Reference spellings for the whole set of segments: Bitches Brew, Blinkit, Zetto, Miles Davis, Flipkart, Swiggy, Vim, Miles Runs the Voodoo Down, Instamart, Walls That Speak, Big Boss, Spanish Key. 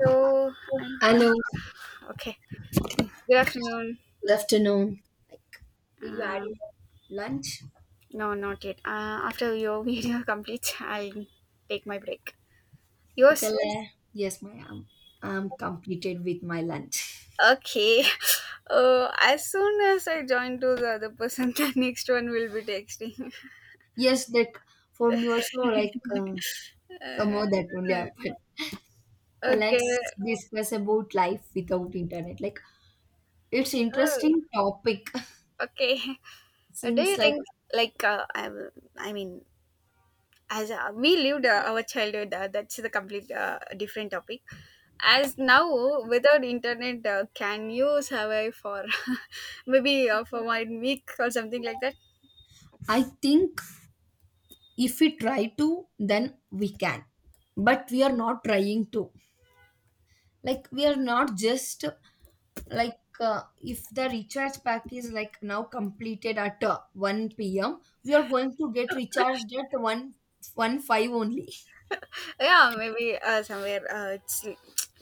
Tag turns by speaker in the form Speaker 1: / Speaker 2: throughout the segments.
Speaker 1: So, I,
Speaker 2: Hello,
Speaker 1: okay. Good afternoon.
Speaker 2: good afternoon. Did you add
Speaker 1: Um
Speaker 2: your lunch?
Speaker 1: no, not yet. After your video completes, I'll take my break.
Speaker 2: Okay,
Speaker 1: Yours?
Speaker 2: le- yes, I'm completed with my lunch.
Speaker 1: Okay. As soon as I join to the other person, the next one will be texting.
Speaker 2: Yes, like for me also,
Speaker 1: Uh,
Speaker 2: somehow that only happened. But
Speaker 1: okay.
Speaker 2: let's discuss about life without internet. Like it's
Speaker 1: Oh,
Speaker 2: interesting topic.
Speaker 1: okay. Do
Speaker 2: since
Speaker 1: you
Speaker 2: like
Speaker 1: think, like, I, will- I mean, as we lived our childhood, that's the complete different topic as now without internet. Can you survive for maybe for 1 week or something like that?
Speaker 2: I think if we try to, then we can. But we are not trying to. Like we are not just like If the recharge pack is like now completed at 1 p.m, we are going to get recharged at 1:15 only.
Speaker 1: Yeah, maybe somewhere it's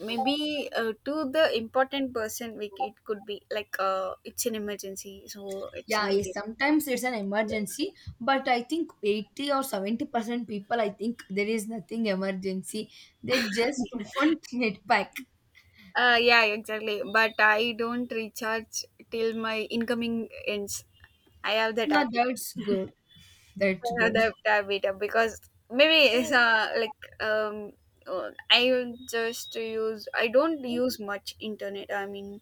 Speaker 1: to the important person. We, it could be like it's an emergency, so it's
Speaker 2: Yeah,
Speaker 1: needed.
Speaker 2: sometimes it's an emergency, but I think 80 or 70% people, I think there is nothing emergency. They just want net pack.
Speaker 1: Yeah, exactly, but I don't recharge till my incoming ends. I have that
Speaker 2: Yeah,
Speaker 1: app.
Speaker 2: that's good. That's
Speaker 1: I have
Speaker 2: good.
Speaker 1: that diabetes because maybe it's I don't use much internet. I mean,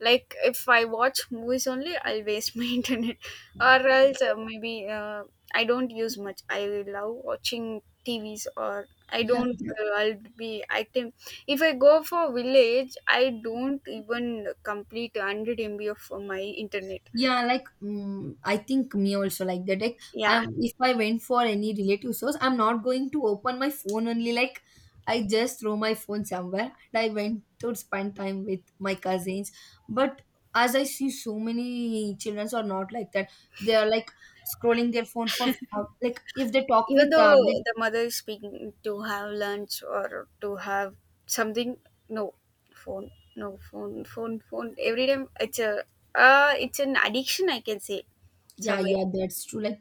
Speaker 1: like if I watch movies only, I'll waste my internet, or else maybe I don't use much. I love watching TVs or. I
Speaker 2: Yeah,
Speaker 1: don't.
Speaker 2: yeah.
Speaker 1: I'll be active. If I go for village, I don't even complete 100 MB of my internet.
Speaker 2: Yeah, like I think me also like that. Like
Speaker 1: Yeah,
Speaker 2: I if I went for any relative source, I'm not going to open my phone only. Like I just throw my phone somewhere and I went to spend time with my cousins. But as I see, so many children are not like that. They are like scrolling their phone for like if they talk
Speaker 1: even
Speaker 2: with
Speaker 1: though the mother is speaking to have lunch or to have something, no phone every time. It's a it's an addiction, I can say,
Speaker 2: yeah,
Speaker 1: somewhere
Speaker 2: yeah, that's true. Like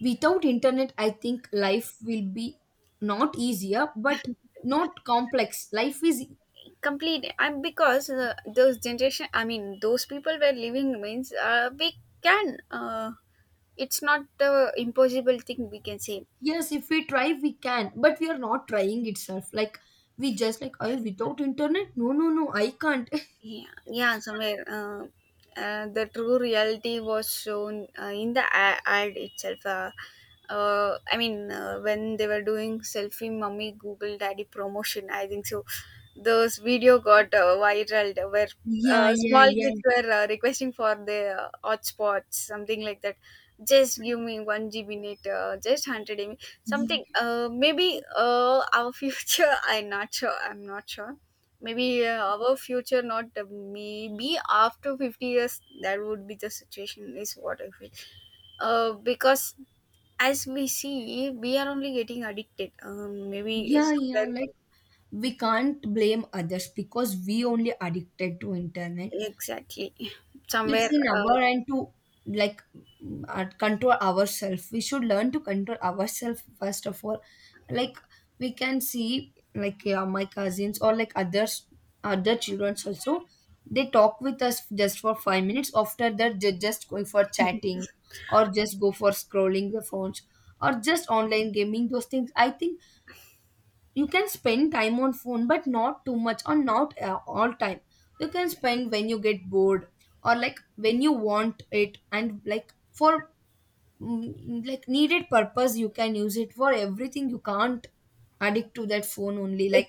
Speaker 2: without internet, I think life will be not easier, but not complex. Life is—
Speaker 1: complete. And because those generation, I mean those people were living, means we can, it's not the impossible thing, we can say.
Speaker 2: yes, if we try, we can, but we are not trying itself. Like we just like, I without internet? No, no, no, I can't.
Speaker 1: Yeah, yeah, somewhere. The true reality was shown in the ad itself. When they were doing selfie mummy Google daddy promotion, I think so. Those video got viral, where
Speaker 2: Yeah, yeah,
Speaker 1: small
Speaker 2: yeah.
Speaker 1: kids were requesting for their hotspots, something like that. Just give me one GB net, just 100 MB, something.
Speaker 2: Y-
Speaker 1: Maybe our future. I'm not sure. I'm not sure. Maybe our future, not maybe after 50 years, that would be the situation, is what I feel. Because as we see, we are only getting addicted. Maybe
Speaker 2: Yeah, yeah.
Speaker 1: somewhere,
Speaker 2: Like we can't blame others because we only addicted to internet.
Speaker 1: exactly.
Speaker 2: It's
Speaker 1: Somewhere,
Speaker 2: in our and to like control ourselves. We should learn to control ourselves first of all. Like we can see like, yeah, my cousins or like others, other children also, they talk with us just for 5 minutes. After that they just going for chatting, or just go for scrolling the phones, or just online gaming. Those things, I think you can spend time on phone but not too much, or not all time. You can spend when you get bored, or like when you want it, and like for like needed purpose. You can use it for everything, you can't addict to that phone only. Like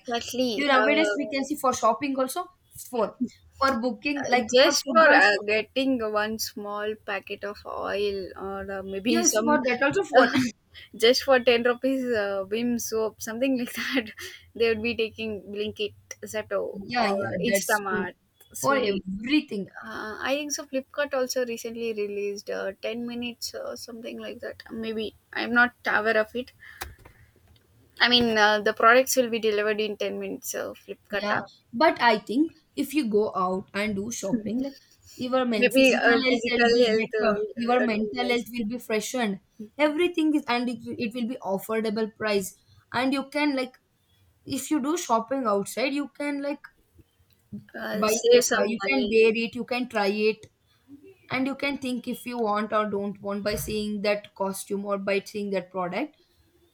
Speaker 2: you nowadays we can see for shopping also, phone, for booking like for
Speaker 1: Just
Speaker 2: food
Speaker 1: for
Speaker 2: also,
Speaker 1: getting one small packet of oil or maybe
Speaker 2: yes, for
Speaker 1: some,
Speaker 2: that also phone.
Speaker 1: just for 10 rupees Vim soap, something like that, they would be taking Blinkit, Zetto
Speaker 2: Yeah,
Speaker 1: or
Speaker 2: yeah, that's true,
Speaker 1: Instamart,
Speaker 2: for
Speaker 1: Swiggy.
Speaker 2: everything.
Speaker 1: I think so Flipkart also recently released 10 minutes or something like that. Maybe I'm not aware of it. I mean, the products will be delivered in 10 minutes, so Flipkart
Speaker 2: Yeah,
Speaker 1: app.
Speaker 2: but I think if you go out and do shopping, like your men
Speaker 1: Maybe
Speaker 2: physical health will
Speaker 1: physical
Speaker 2: be
Speaker 1: health
Speaker 2: better, your
Speaker 1: would be
Speaker 2: mental
Speaker 1: nice.
Speaker 2: health will be freshened. Everything is, and it will be affordable price. And you can like, if you do shopping outside, you can like buy
Speaker 1: Save
Speaker 2: like
Speaker 1: some
Speaker 2: you can
Speaker 1: money.
Speaker 2: wear it, you can try it, and you can think if you want or don't want by seeing that costume or by seeing that product,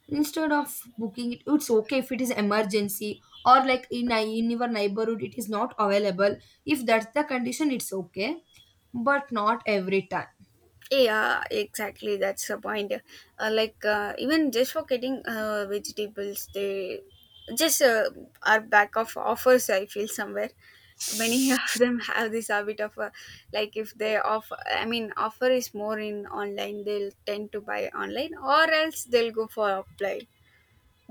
Speaker 2: instead of booking it. It's okay if it is emergency, or like in your neighborhood it is not available. If that's the condition, it's okay, but not every time.
Speaker 1: Yeah, exactly, that's the point. Even just for getting vegetables, they just are back of offers, I feel. Somewhere many of them have this habit of, like if they offer, I mean offer is more in online, they'll tend to buy online, or else they'll go for offline.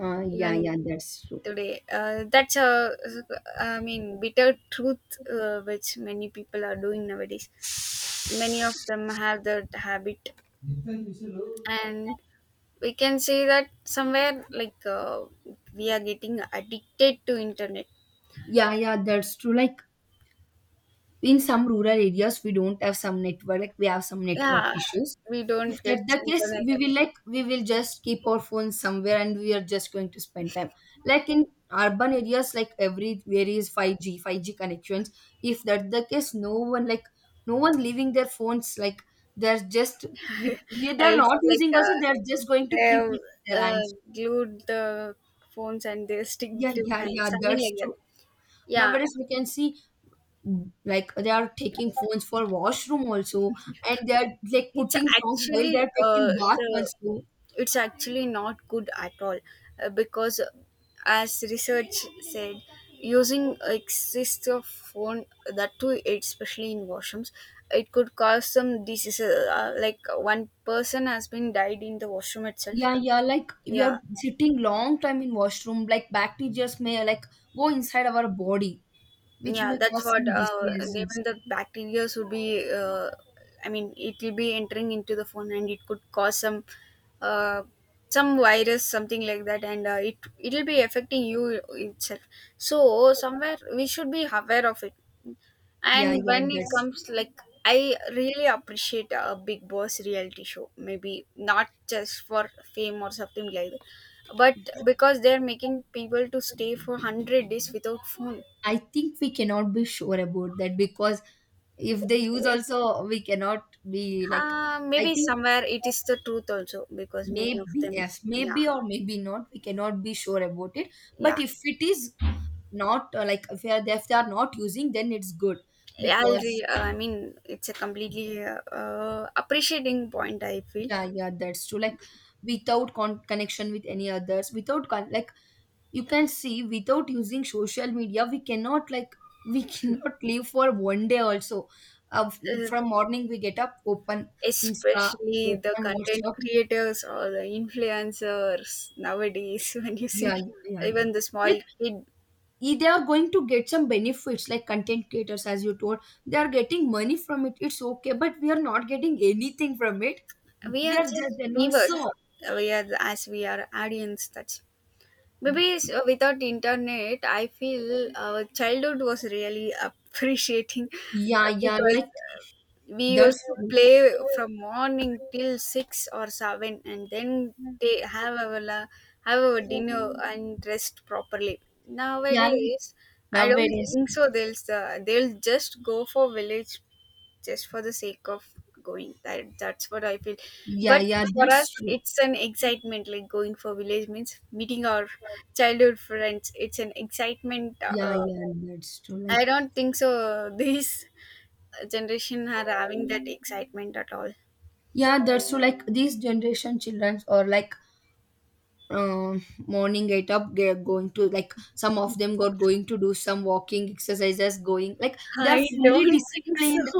Speaker 2: Yeah,
Speaker 1: Even
Speaker 2: yeah, that's true.
Speaker 1: today that's a, I mean, bitter truth, which many people are doing nowadays. Many of them have that habit, and we can see that somewhere we are getting addicted to internet.
Speaker 2: Yeah, yeah, that's true. Like in some rural areas, we don't have some network, like we have some network
Speaker 1: Yeah,
Speaker 2: issues.
Speaker 1: we
Speaker 2: If
Speaker 1: don't get
Speaker 2: that's the case, we
Speaker 1: internet.
Speaker 2: will like we will just keep our phones somewhere and we are just going to spend time. Like in urban areas, like everywhere is 5G, 5G connections. If that's the case, no one like no one leaving their phones. Like they're just with, they're
Speaker 1: It's
Speaker 2: not
Speaker 1: like
Speaker 2: using also, they're just going to keep
Speaker 1: They've
Speaker 2: it in their
Speaker 1: uh,
Speaker 2: hands.
Speaker 1: glued the phones and they stick
Speaker 2: Yeah,
Speaker 1: to
Speaker 2: yeah,
Speaker 1: hands,
Speaker 2: yeah,
Speaker 1: something
Speaker 2: that's
Speaker 1: like that.
Speaker 2: true.
Speaker 1: Yeah,
Speaker 2: Nowadays we can see like they are taking phones for washroom also, and they are like
Speaker 1: it's
Speaker 2: putting songs while they
Speaker 1: actually
Speaker 2: are taking bath also.
Speaker 1: it's actually not good at all, because as research said, using excessive phone, that too especially in washrooms, it could cause some diseases, like one person has been died in the washroom itself.
Speaker 2: Yeah, yeah, like we are
Speaker 1: Yeah,
Speaker 2: sitting long time in washroom, like bacteria may like go inside our body, which
Speaker 1: yeah,
Speaker 2: may
Speaker 1: that's
Speaker 2: cause
Speaker 1: what.
Speaker 2: some diseases.
Speaker 1: Even the bacteria would be, I mean, it will be entering into the phone and it could cause uh, some virus, something like that, and it will be affecting you itself. So somewhere we should be aware of it.
Speaker 2: Yeah,
Speaker 1: And
Speaker 2: yeah,
Speaker 1: when it
Speaker 2: that's—
Speaker 1: comes like, I really appreciate a big boss reality show, maybe not just for fame or something like that, but because they're making people to stay for 100 days without phone.
Speaker 2: I think we cannot be sure about that, because if they use
Speaker 1: Okay.
Speaker 2: also, we cannot be like, I
Speaker 1: Maybe
Speaker 2: think
Speaker 1: somewhere it is the truth also because many of
Speaker 2: maybe,
Speaker 1: them,
Speaker 2: yes,
Speaker 1: yeah,
Speaker 2: maybe or maybe not, we cannot be sure about it. But
Speaker 1: yeah.
Speaker 2: if it is not if they are not using, then it's good. Because
Speaker 1: I mean, it's a completely appreciating point, I feel.
Speaker 2: yeah, yeah, that's true. Like without con- connection with any others, without con- like you can see, without using social media we cannot like, we cannot live for one day also.
Speaker 1: Uh,
Speaker 2: From morning we get up, open insta,
Speaker 1: especially the
Speaker 2: open
Speaker 1: content
Speaker 2: whatsapp.
Speaker 1: creators or the influencers nowadays, when you see
Speaker 2: Yeah, yeah, yeah.
Speaker 1: even the small
Speaker 2: Yeah,
Speaker 1: kid,
Speaker 2: they are going to get some benefits. Like content creators, as you told, they are getting money from it, it's okay, but we are not getting anything from it.
Speaker 1: we
Speaker 2: We
Speaker 1: are
Speaker 2: are just
Speaker 1: just
Speaker 2: then also.
Speaker 1: viewers. We are the, as we are audience. That's Without internet, I feel our childhood was really appreciating,
Speaker 2: Yeah, yeah,
Speaker 1: because
Speaker 2: like
Speaker 1: we
Speaker 2: that's—
Speaker 1: used to play from morning till six or seven, and then they have our la- have our dinner and rest properly.
Speaker 2: yeah, like
Speaker 1: Nowadays, I don't
Speaker 2: nowadays.
Speaker 1: think so. They'll just go for village just for the sake of going. That that's what I feel.
Speaker 2: Yeah,
Speaker 1: But
Speaker 2: yeah,
Speaker 1: for us
Speaker 2: that's true.
Speaker 1: it's an excitement, like going for village means meeting our childhood friends, it's an excitement.
Speaker 2: Yeah, yeah, that's true.
Speaker 1: I
Speaker 2: Like
Speaker 1: don't think so this generation are having that excitement at all.
Speaker 2: yeah, that's true. Like these generation children or like morning get up, they're going to like some of them got going to do some walking exercises going, like they're
Speaker 1: I
Speaker 2: fully
Speaker 1: don't think so.
Speaker 2: disciplined.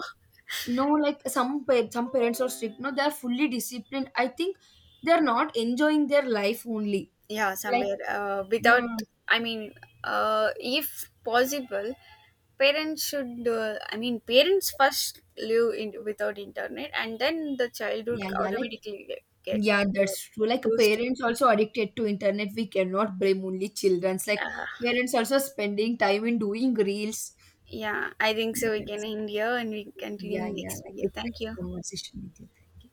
Speaker 2: No, like some parents are strict. No, they're fully disciplined, I think. They're not enjoying their life only.
Speaker 1: Yeah,
Speaker 2: like
Speaker 1: somewhere without
Speaker 2: uh,
Speaker 1: I mean if possible parents should, parents first live in without internet and then the child would
Speaker 2: yeah, yeah, like
Speaker 1: automatically get
Speaker 2: yeah,
Speaker 1: uh,
Speaker 2: that's true. Like
Speaker 1: used to.
Speaker 2: parents also addicted to internet, we cannot blame only children's. Like
Speaker 1: uh,
Speaker 2: parents also spending time in doing reels.
Speaker 1: yeah, I think so we can
Speaker 2: That's-
Speaker 1: end here and we continue
Speaker 2: yeah, yeah,
Speaker 1: next
Speaker 2: like
Speaker 1: video.
Speaker 2: it's
Speaker 1: Thank
Speaker 2: nice
Speaker 1: you.
Speaker 2: conversation with you.